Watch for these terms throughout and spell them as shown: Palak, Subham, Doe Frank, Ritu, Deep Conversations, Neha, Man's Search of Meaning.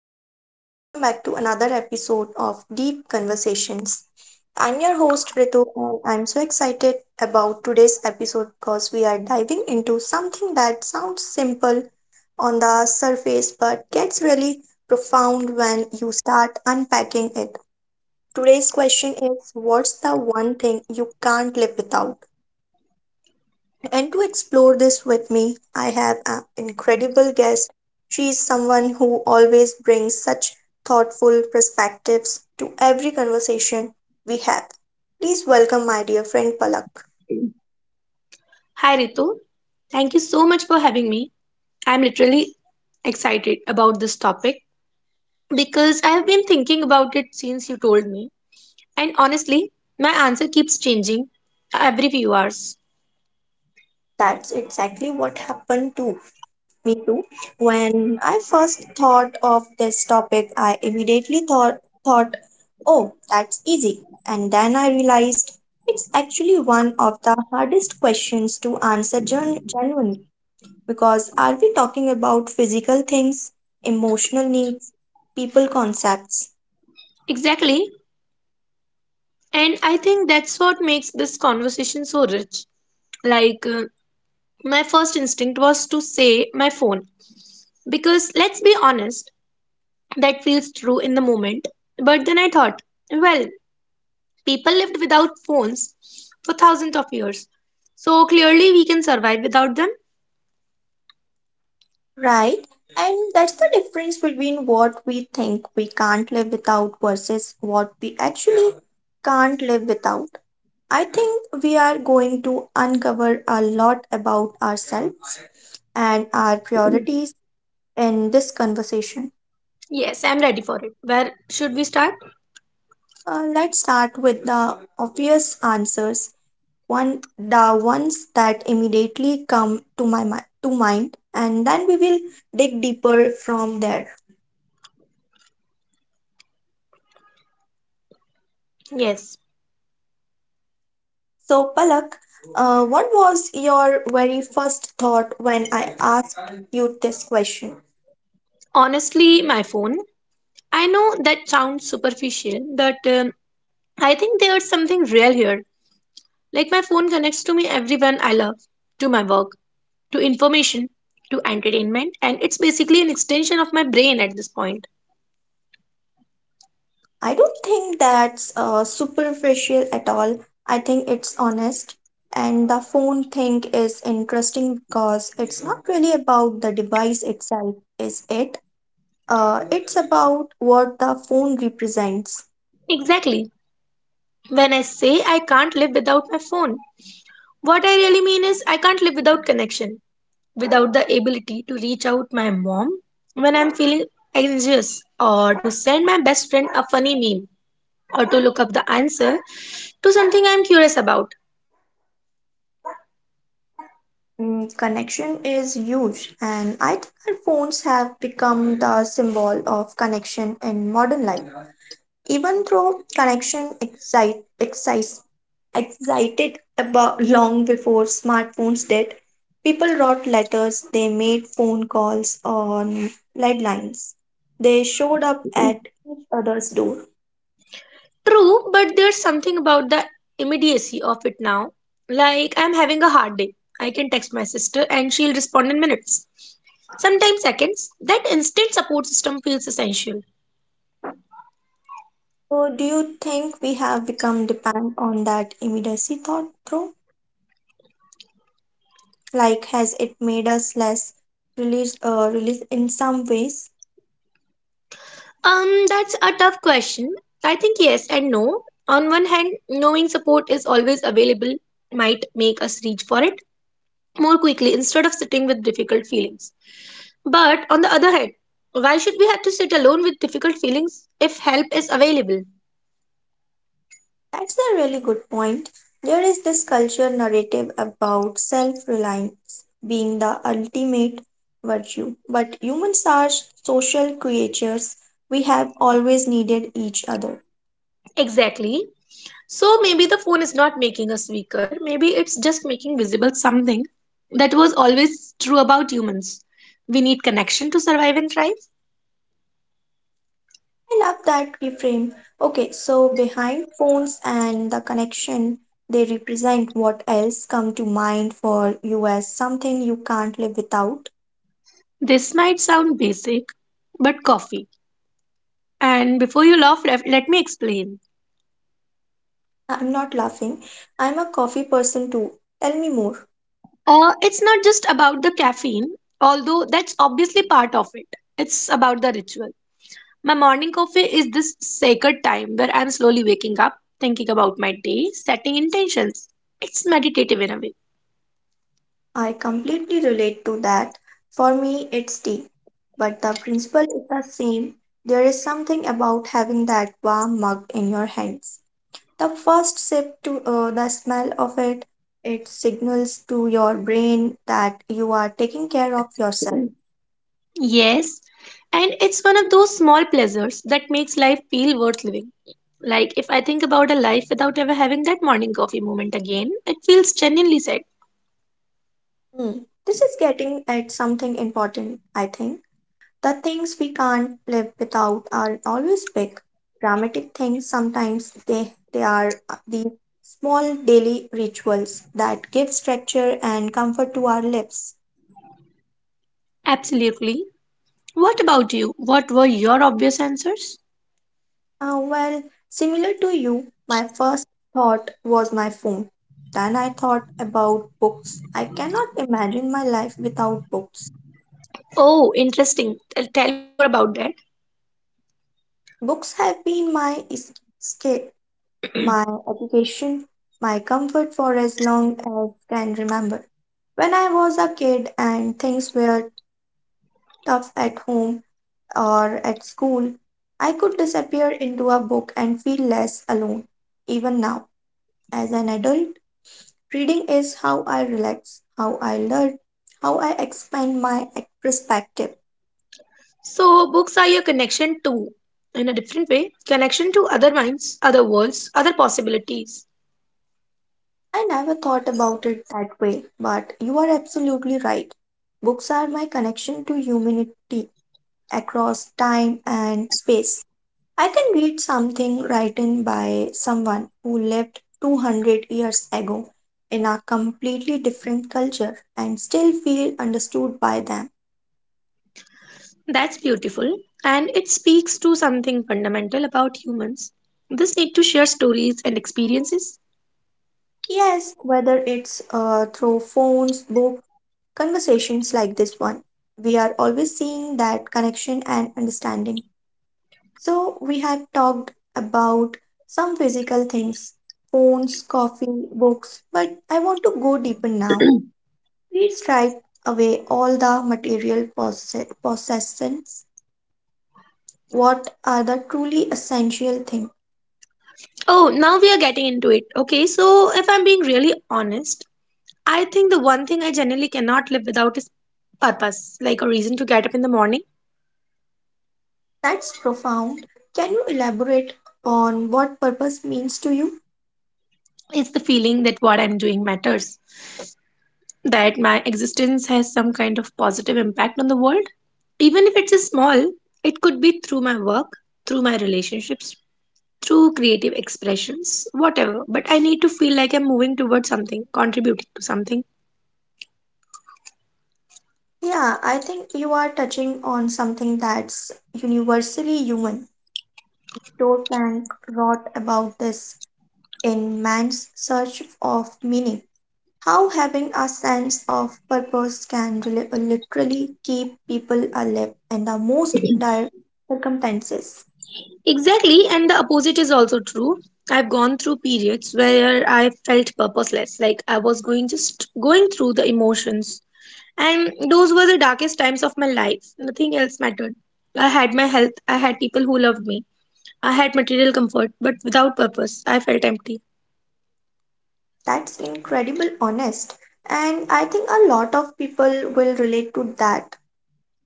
everyone, and welcome back to another episode of Deep Conversations. I'm your host, Ritu, and I'm so excited about today's episode because we are diving into something that sounds simple on the surface but gets really profound when you start unpacking it. Today's question is, what's the one thing you can't live without? And to explore this with me, I have an incredible guest. She is someone who always brings such thoughtful perspectives to every conversation we have. Please welcome my dear friend Palak. Hi Ritu, thank you so much for having me. I'm literally excited about this topic because I have been thinking about it since you told me, and honestly, my answer keeps changing every few hours. That's exactly what happened to me too. When I first thought of this topic, I immediately thought, oh, that's easy. And then I realized it's actually one of the hardest questions to answer genuinely. Because are we talking about physical things, emotional needs, people concepts? Exactly, and I think that's what makes this conversation so rich. Like, uh, my first instinct was to say my phone because let's be honest, that feels true in the moment, but then I thought, well, people lived without phones for thousands of years. So clearly we can survive without them. Right? And that's the difference between what we think we can't live without versus what we actually can't live without. I think we are going to uncover a lot about ourselves and our priorities in this conversation. Yes, I'm ready for it. Where should we start? Let's start with the obvious answers, one the ones that immediately come to mind, and then we will dig deeper from there. Yes. So, Palak, what was your very first thought when I asked you this question? Honestly, my phone. I know that sounds superficial, but I think there's something real here. Like, my phone connects to me everyone I love, to my work, to information, to entertainment, and it's basically an extension of my brain at this point. I don't think that's superficial at all. I think it's honest, and the phone thing is interesting because it's not really about the device itself, is it? It's about what the phone represents. Exactly. When I say I can't live without my phone, what I really mean is, I can't live without connection, without the ability to reach out my mom when I'm feeling anxious, or to send my best friend a funny meme, or to look up the answer to something I'm curious about. Connection is huge, and I think our phones have become the symbol of connection in modern life. Even though connection excited about long before smartphones did, people wrote letters, they made phone calls on landlines, they showed up at each other's door. True, but there's something about the immediacy of it now. Like, I'm having a hard day. I can text my sister and she'll respond in minutes, sometimes seconds. That instant support system feels essential. So, do you think we have become dependent on that immediacy thought through? Like, has it made us less release in some ways? That's a tough question. I think yes and no. On one hand, knowing support is always available might make us reach for it more quickly instead of sitting with difficult feelings. But on the other hand, why should we have to sit alone with difficult feelings if help is available? That's a really good point. There is this cultural narrative about self-reliance being the ultimate virtue, but humans are social creatures. We have always needed each other. Exactly. So maybe the phone is not making us weaker. Maybe it's just making visible something that was always true about humans. We need connection to survive and thrive. I love that reframe. Okay, so behind phones and the connection they represent, what else come to mind for you as something you can't live without? This might sound basic, but coffee. And before you laugh, let me explain. I'm not laughing. I'm a coffee person too. Tell me more. It's not just about the caffeine, although that's obviously part of it. It's about the ritual. My morning coffee is this sacred time where I'm slowly waking up, thinking about my day, setting intentions. It's meditative in a way. I completely relate to that. For me, it's tea. But the principle is the same. There is something about having that warm mug in your hands. The first sip to the smell of it, it signals to your brain that you are taking care of yourself. Yes, and it's one of those small pleasures that makes life feel worth living. Like if I think about a life without ever having that morning coffee moment again, it feels genuinely sad. Hmm. This is getting at something important, I think. The things we can't live without are always big, dramatic things. Sometimes they are these small daily rituals that give structure and comfort to our lives. Absolutely. What about you? What were your obvious answers? Well, similar to you, my first thought was my phone. Then I thought about books. I cannot imagine my life without books. Oh, interesting. Tell me more about that. Books have been my escape, my education, my comfort for as long as can remember. When I was a kid and things were tough at home or at school, I could disappear into a book and feel less alone. Even now, as an adult, reading is how I relax, how I learn, how I expand my perspective. So, books are your connection to, in a different way, connection to other minds, other worlds, other possibilities. I never thought about it that way, but you are absolutely right. Books are my connection to humanity across time and space. I can read something written by someone who lived 200 years ago in a completely different culture and still feel understood by them. That's beautiful. And it speaks to something fundamental about humans, this need to share stories and experiences. Yes, whether it's through phones, books, conversations like this one, we are always seeing that connection and understanding. So, we have talked about some physical things: phones, coffee, books, but I want to go deeper now. We strip away all the material possessions. What are the truly essential things? Oh, now we are getting into it. Okay, so if I'm being really honest, I think the one thing I generally cannot live without is purpose, like a reason to get up in the morning. That's profound. Can you elaborate on what purpose means to you? It's the feeling that what I'm doing matters, that my existence has some kind of positive impact on the world. Even if it's a small, it could be through my work, through my relationships, through creative expressions, whatever. But I need to feel like I'm moving towards something, contributing to something. Yeah, I think you are touching on something that's universally human. Doe Frank wrote about this in Man's Search of Meaning. How having a sense of purpose can literally keep people alive in the most dire circumstances. Exactly, and the opposite is also true. I've gone through periods where I felt purposeless, like I was going just going through the emotions. And those were the darkest times of my life. Nothing else mattered. I had my health, I had people who loved me, I had material comfort, but without purpose, I felt empty. That's incredible honest. And I think a lot of people will relate to that.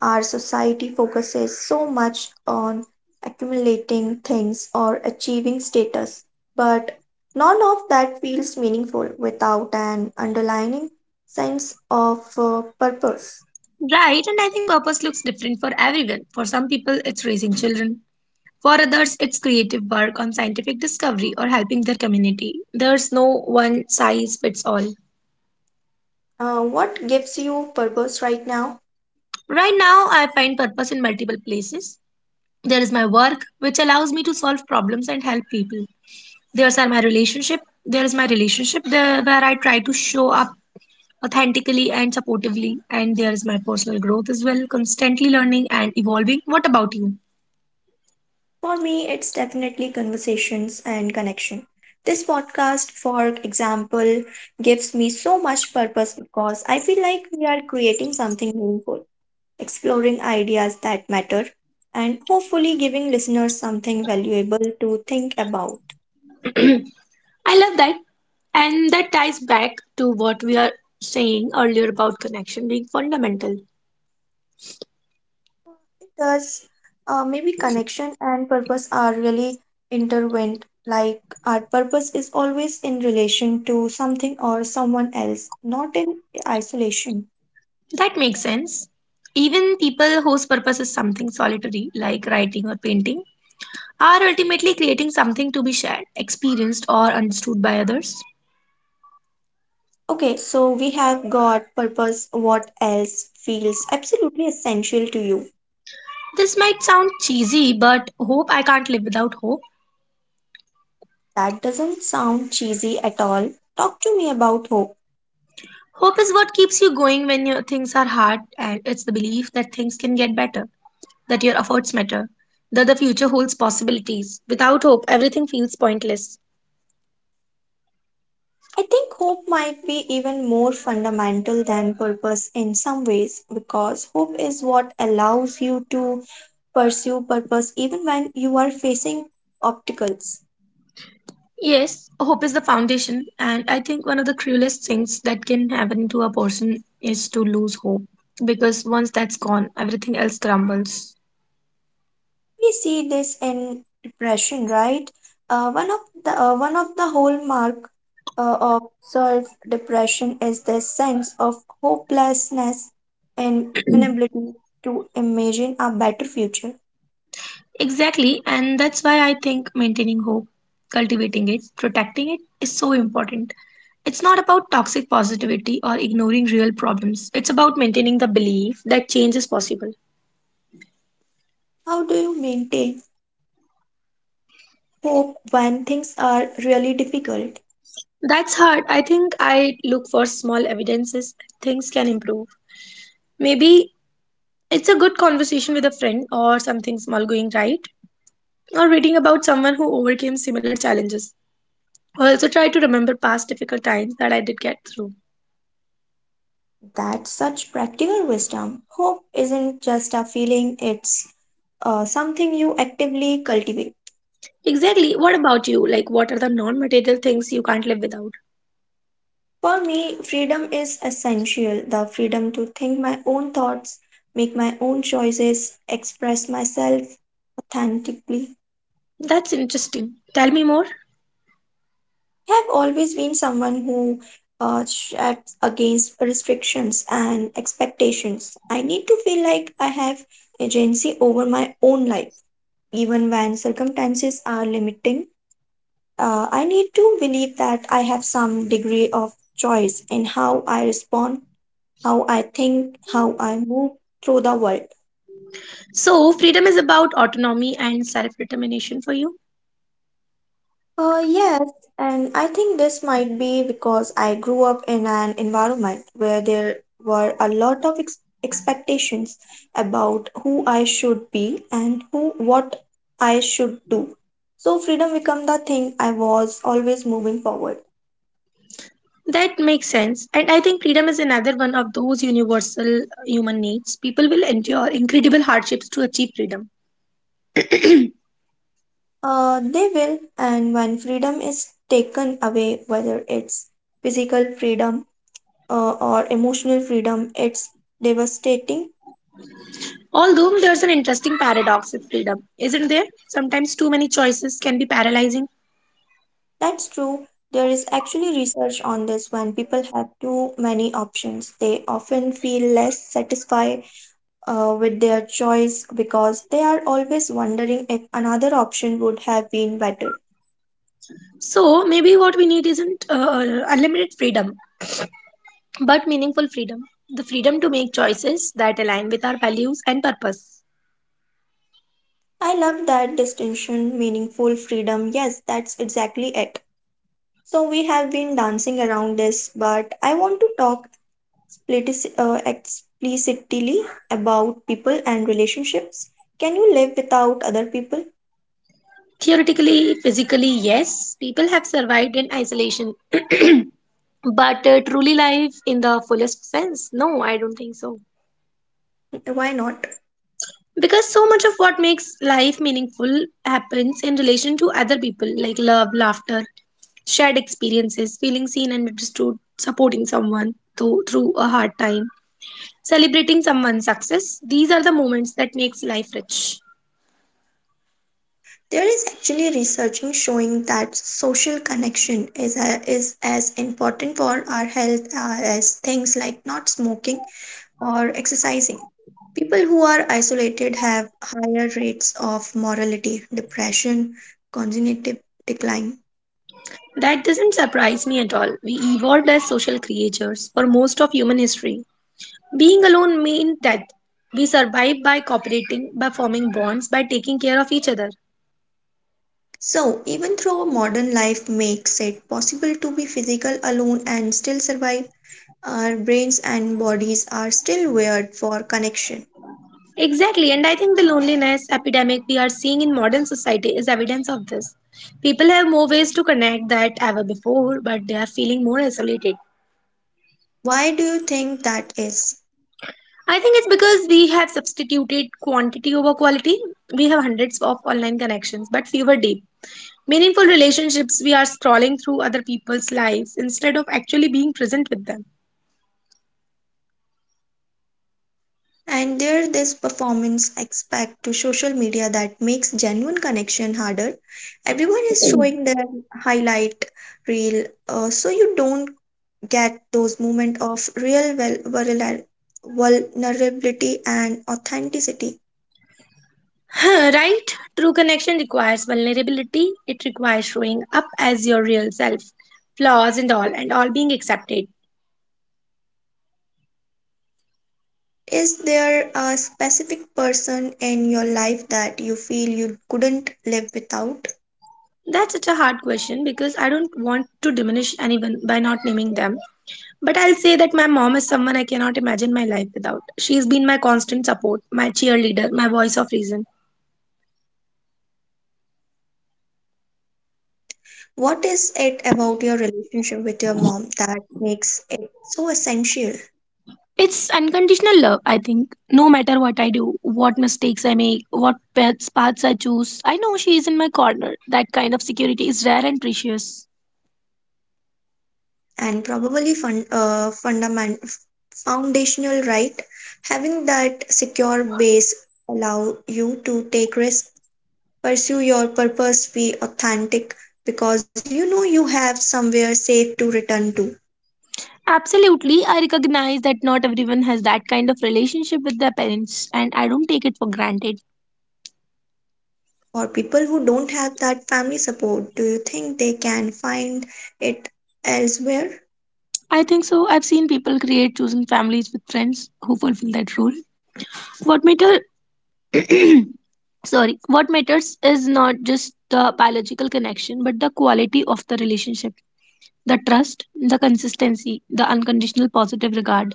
Our society focuses so much on accumulating things or achieving status, but none of that feels meaningful without an underlying sense of purpose. Right, and I think purpose looks different for everyone. For some people, it's raising children. For others, it's creative work on scientific discovery or helping their community. There's no one size fits all. What gives you purpose right now? Right now, I find purpose in multiple places. There is my work, which allows me to solve problems and help people. there's are my relationship there is my relationship there where I try to show up authentically and supportively, and there is my personal growth as well, constantly learning and evolving. What about you? For me, it's definitely conversations and connection. This podcast, for example, gives me so much purpose because I feel like we are creating something meaningful, exploring ideas that matter, and hopefully giving listeners something valuable to think about. I love that. And that ties back to what we are saying earlier about connection being fundamental. Thus, maybe connection and purpose are really intertwined. Like, our purpose is always in relation to something or someone else, not in isolation. That makes sense. Even people whose purpose is something solitary, like writing or painting, are ultimately creating something to be shared, experienced, or understood by others. Okay, so we have got purpose. What else feels absolutely essential to you? This might sound cheesy, but hope. I can't live without hope. That doesn't sound cheesy at all. Talk to me about hope. Hope is what keeps you going when your things are hard, and it's the belief that things can get better, that your efforts matter, that the future holds possibilities. Without hope, everything feels pointless. I think hope might be even more fundamental than purpose in some ways, because hope is what allows you to pursue purpose even when you are facing obstacles. Yes, hope is the foundation, and I think one of the cruelest things that can happen to a person is to lose hope, because once that's gone, everything else crumbles. We see this in depression, right? One of the hallmark of self depression is this sense of hopelessness and inability to imagine a better future. Exactly, and that's why I think maintaining hope, cultivating it, protecting it, is so important. It's not about toxic positivity or ignoring real problems. It's about maintaining the belief that change is possible. How do you maintain hope when things are really difficult? That's hard. I think I look for small evidences things can improve. Maybe it's a good conversation with a friend or something small going right, or reading about someone who overcame similar challenges. I also try to remember past difficult times that I did get through. That's such practical wisdom. Hope isn't just a feeling, it's something you actively cultivate. Exactly. What about you? Like, what are the non material things you can't live without? For me, freedom is essential, the freedom to think my own thoughts, make my own choices, express myself authentically. That's interesting. Tell me more. I have always been someone who shifts against restrictions and expectations. I need to feel like I have agency over my own life, even when circumstances are limiting. I need to believe that I have some degree of choice in how I respond, how I think, how I move through the world. So, freedom is about autonomy and self determination for you. Yes, and I think this might be because I grew up in an environment where there were a lot of expectations about who I should be and who what I should do. So freedom became the thing I was always moving forward. That makes sense. And I think freedom is another one of those universal human needs. People will endure incredible hardships to achieve freedom. They will, and when freedom is taken away, whether it's physical freedom or emotional freedom, it's devastating. Although there's an interesting paradox with freedom, isn't there? Sometimes too many choices can be paralyzing. That's true. There is actually research on this. When people have too many options, they often feel less satisfied with their choice because they are always wondering if another option would have been better. So, maybe what we need isn't unlimited freedom, but meaningful freedom, the freedom to make choices that align with our values and purpose. I love that distinction, meaningful freedom. Yes, that's exactly it. So we have been dancing around this, but I want to talk explicitly about people and relationships. Can you live without other people? Theoretically, physically, yes, people have survived in isolation, but truly life in the fullest sense, no, I don't think so. Why not? Because so much of what makes life meaningful happens in relation to other people, like love, laughter, shared experiences, feeling seen and understood, supporting someone through a hard time, celebrating someone's success. These are the moments that makes life rich. There is actually researching showing that social connection is as important for our health as things like not smoking or exercising. People who are isolated have higher rates of mortality, depression, cognitive decline. That doesn't surprise me at all. We evolved as social creatures for most of human history. Being alone meant death. We survive by cooperating, by forming bonds, by taking care of each other. So, even though modern life makes it possible to be physical alone and still survive, our brains and bodies are still wired for connection. Exactly, and I think the loneliness epidemic we are seeing in modern society is evidence of this. People have more ways to connect than ever before, but they are feeling more isolated. Why do you think that is? I think it's because we have substituted quantity over quality. We have hundreds of online connections, but fewer deep, meaningful relationships. We are scrolling through other people's lives instead of actually being present with them. And there this performance aspect to social media that makes genuine connection harder. Everyone is showing their highlight reel, so you don't get those moments of real, well, vulnerability and authenticity. Right? True connection requires vulnerability, it requires showing up as your real self, flaws and all being accepted. Is there a specific person in your life that you feel you couldn't live without? That's such a hard question because I don't want to diminish anyone by not naming them. But I'll say that my mom is someone I cannot imagine my life without. She's been my constant support, my cheerleader, my voice of reason. What is it about your relationship with your mom that makes it so essential? It's unconditional love, I think. No matter what I do, what mistakes I make, what paths I choose, I know she is in my corner. That kind of security is rare and precious. And probably foundational, right? Having that secure base allow you to take risks, pursue your purpose, be authentic because you know you have somewhere safe to return to. Absolutely, I recognize that not everyone has that kind of relationship with their parents, and I don't take it for granted. For people who don't have that family support, do you think they can find it elsewhere? I think so. I've seen people create chosen families with friends who fulfill that role. What matter sorry, what matters is not just the biological connection but the quality of the relationship, the trust, the consistency, the unconditional positive regard.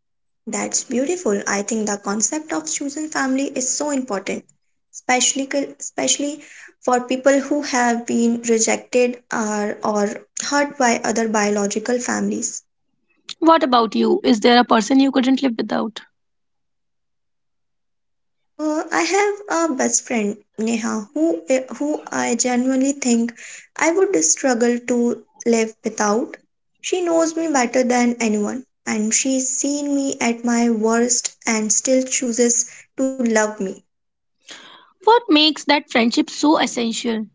That's beautiful. I think the concept of choosing family is so important, especially especially for people who have been rejected or hurt by other biological families. What about you? Is there a person you couldn't live without? I have a best friend, Neha, who I genuinely think I would struggle to live without. She knows me better than anyone, and she's seen me at my worst and still chooses to love me. What makes that friendship so essential?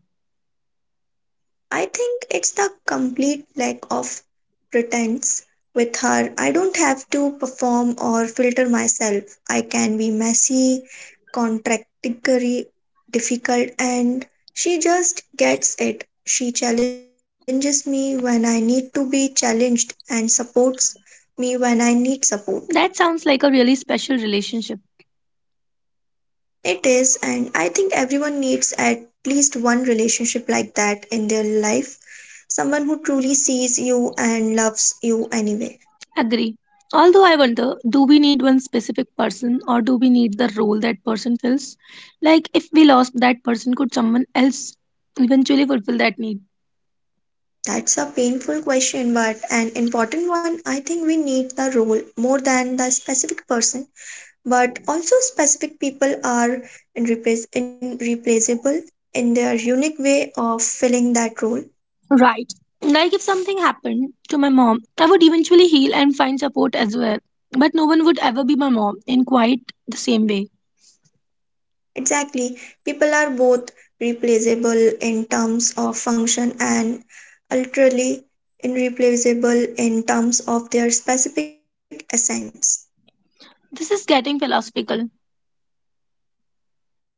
I think it's the complete lack of pretense. With her, I don't have to perform or filter myself. I can be messy, contradictory, difficult, and she just gets it. She challenges me when I need to be challenged and supports me when I need support. That sounds like a really special relationship. It is, and I think everyone needs at least one relationship like that in their life. Someone who truly sees you and loves you anyway. Agree. Although I wonder, do we need one specific person or do we need the role that person fills? Like, if we lost that person, could someone else eventually fulfill that need? That's a painful question, but an important one. I think we need the role more than the specific person, but also specific people are irreplaceable in their unique way of filling that role. Right. Like if something happened to my mom, I would eventually heal and find support as well. But no one would ever be my mom in quite the same way. Exactly. People are both replaceable in terms of function and utterly irreplaceable in terms of their specific essence. This is getting philosophical.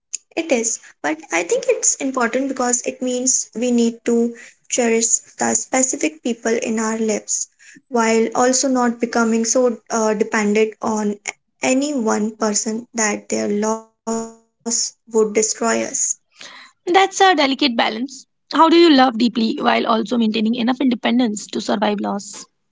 It is, but I think it's important because it means we need to cherish the specific people in our lives while also not becoming so dependent on any one person that their loss would destroy us. That's a delicate balance. How do you love deeply while also maintaining enough independence to survive loss?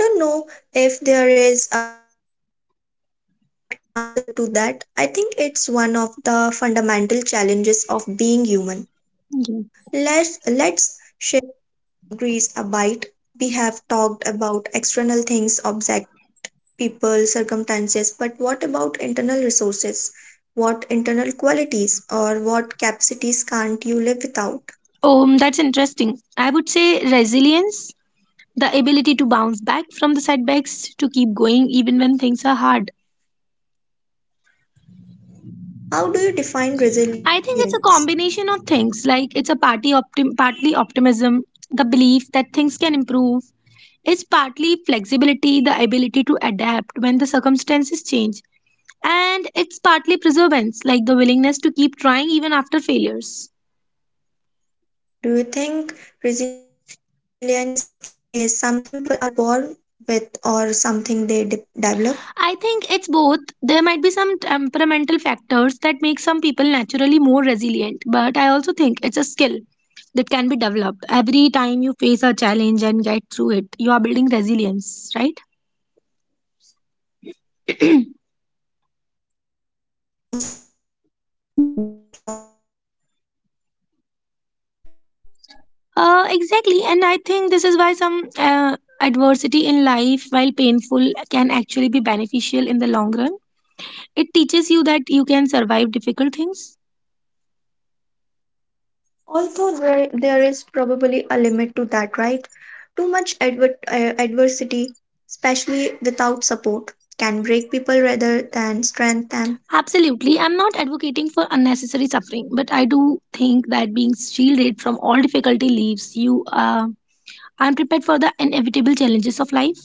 I don't know if there is a perfect answer to that. I think it's one of the fundamental challenges of being human. Yeah. Let's shift grease a bite. We have talked about external things, object, people, circumstances, but what about internal resources? What internal qualities or what capacities can't you live without? Oh, that's interesting. I would say resilience, the ability to bounce back from the setbacks, to keep going even when things are hard. How do you define I think resilience? it's a combination of things. Like it's a party partly optimism, the belief that things can improve. It's partly flexibility, the ability to adapt when the circumstances change. And it's partly perseverance, like the willingness to keep trying even after failures. Do you think resilience is something people are born with or something they develop? I think it's both. There might be some temperamental factors that make some people naturally more resilient, but I also think it's a skill that can be developed. Every time you face a challenge and get through it, you are building resilience, right? So it's like a muscle that gets stronger with use. Exactly, and I think this is why some adversity in life, while painful, can actually be beneficial in the long run. It teaches you that you can survive difficult things. Although there is probably a limit to that, right? Too much adversity, especially without support, can break people rather than strengthen them. Absolutely, I'm not advocating for unnecessary suffering, but I do think that being shielded from all difficulty leaves you unprepared for the inevitable challenges of life.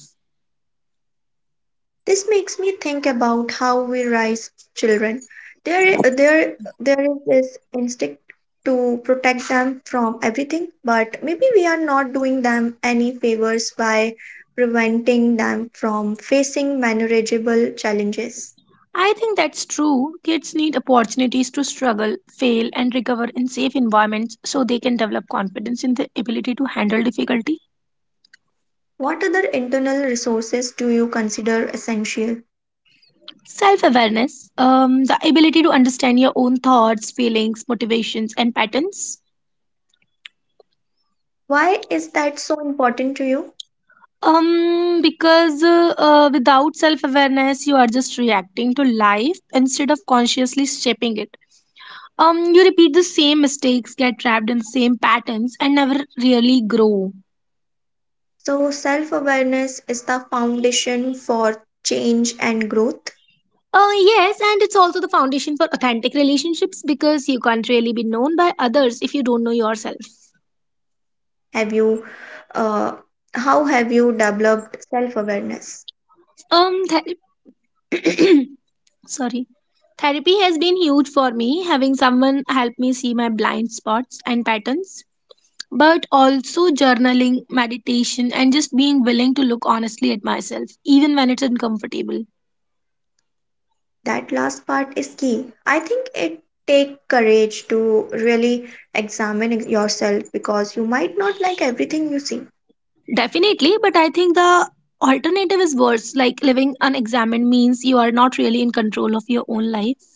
This makes me think about how we raise children. There, there, there is this instinct to protect them from everything, but maybe we are not doing them any favors by preventing them from facing manageable challenges. I think that's true. Kids need opportunities to struggle, fail, and recover in safe environments so they can develop confidence in the ability to handle difficulty. What other internal resources do you consider essential? Self awareness, the ability to understand your own thoughts, feelings, motivations, and patterns. Why is that so important to you? Because without self awareness, you are just reacting to life instead of consciously shaping it. You repeat the same mistakes, get trapped in the same patterns, and never really grow. So, self awareness is the foundation for change and growth. Yes, and it's also the foundation for authentic relationships because you can't really be known by others if you don't know yourself. Have you uh, how have you developed self awareness? Um, ther- sorry, therapy has been huge for me, having someone help me see my blind spots and patterns, but also journaling, meditation, and just being willing to look honestly at myself even when it's uncomfortable. That last part is key. I think it take courage to really yourself because you might not like everything you see. Definitely, but I think the alternative is worse. Like living unexamined means you are not really in control of your own life.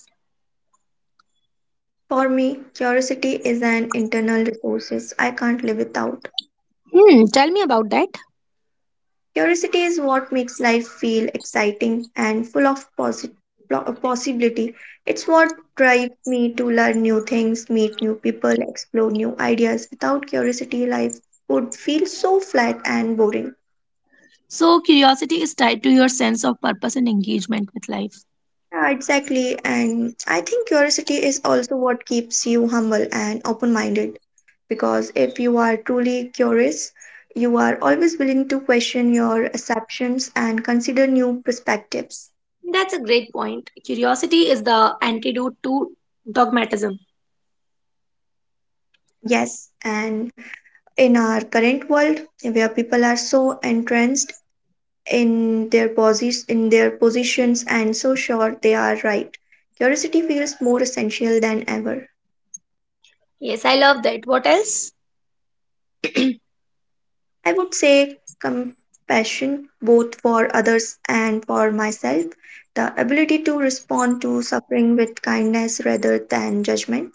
For me curiosity is an internal resource I can't live without. Hmm, tell me about that. Curiosity is what makes life feel exciting and full of possibility. It's what drives me to learn new things, meet new people, explore new ideas. Without curiosity, life would feel so flat and boring. So curiosity is tied to your sense of purpose and engagement with life. Yeah, exactly. And I think curiosity is also what keeps you humble and open minded because if you are truly curious, you are always willing to question your assumptions and consider new perspectives. That's a great point. Curiosity is the antidote to dogmatism. Yes, and in our current world where people are so entrenched in their positions and so sure they are right, curiosity feels more essential than ever. Yes, I love that. What else? I would say compassion, both for others and for myself, the ability to respond to suffering with kindness rather than judgment.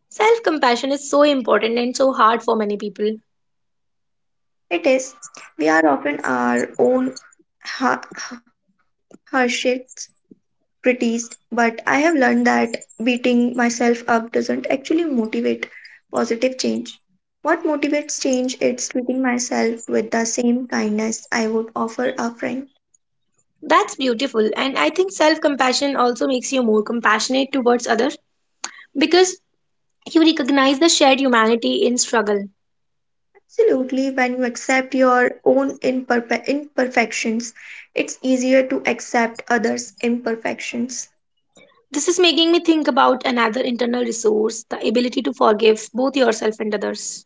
Self compassion is so important and so hard for many people. It is. We are often our own ha- harshest prettiest, but I have learned that beating myself up doesn't actually motivate positive change. What motivates change? It's treating myself with the same kindness I would offer a friend. That's beautiful. And I think self compassion also makes you more compassionate towards others because you recognize the shared humanity in struggle. Absolutely, when you accept your own imperfections, it's easier to accept others' imperfections. This is making me think about another internal resource, the ability to forgive both yourself and others.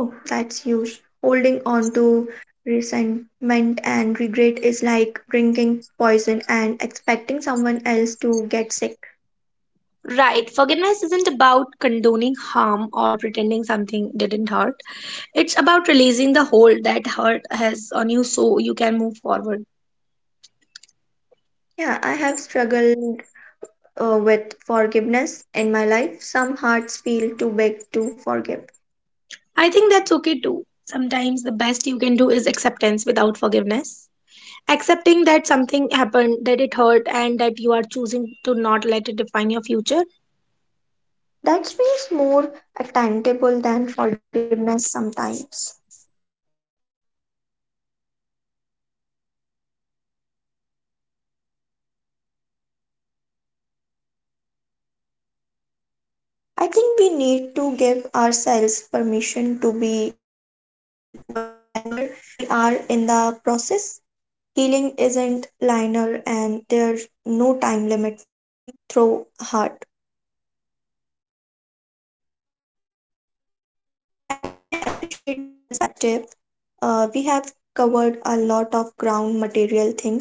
Oh, that's huge. Holding on to resentment and regret is like drinking poison and expecting someone else to get sick. Right, forgiveness isn't about condoning harm or pretending something didn't hurt. It's about releasing the hold that hurt has on you so you can move forward. Yeah, I have struggled with forgiveness in my life. Some hearts feel too big to forgive. I think that's okay too. Sometimes the best you can do is acceptance without forgiveness. Accepting that something happened, that it hurt, and that you are choosing to not let it define your future. That feels more attainable than forgiveness sometimes. I think we need to give ourselves permission to be whenever we are in the process. Healing isn't linear, and there's no time limit for working through hurt. And I appreciate that perspective. We have covered a lot of ground, material things,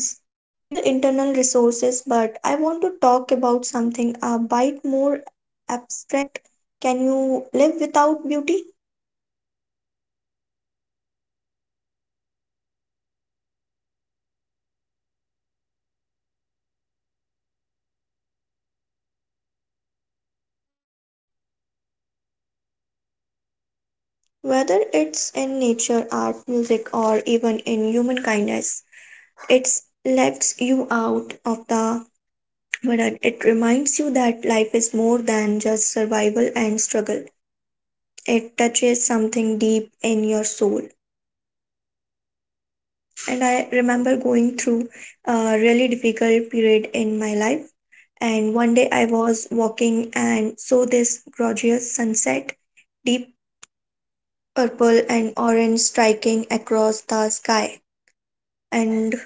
people, internal resources, but I want to talk about something a bit more abstract. Can you live without beauty, whether it's in nature, art, music, or even in human kindness? It lifts you out of the burden. It reminds you that life is more than just survival and struggle. It touches something deep in your soul. And I remember going through a really difficult period in my life, and one day I was walking and saw this gorgeous sunset, deep purple and orange striking across the sky. And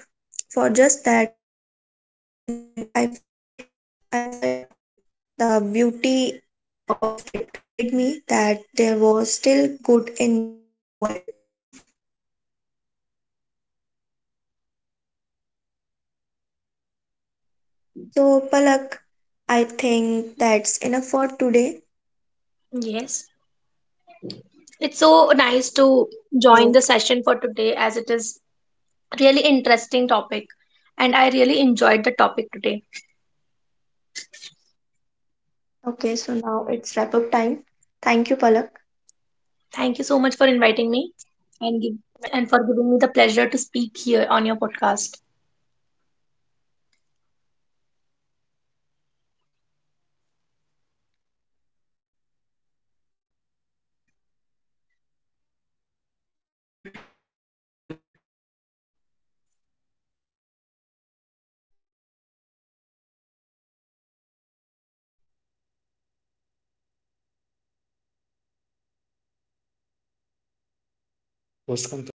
for just that moment, I felt okay. The beauty of it reminded me that there was still good in the world. So, Palak, I think that's enough for today. So okay, so now it's wrap up time. Thank you, Palak. हो गया जल्दी बोलो यार दो जन का मेरे को करना है उसके बाद में पोस्ट कौन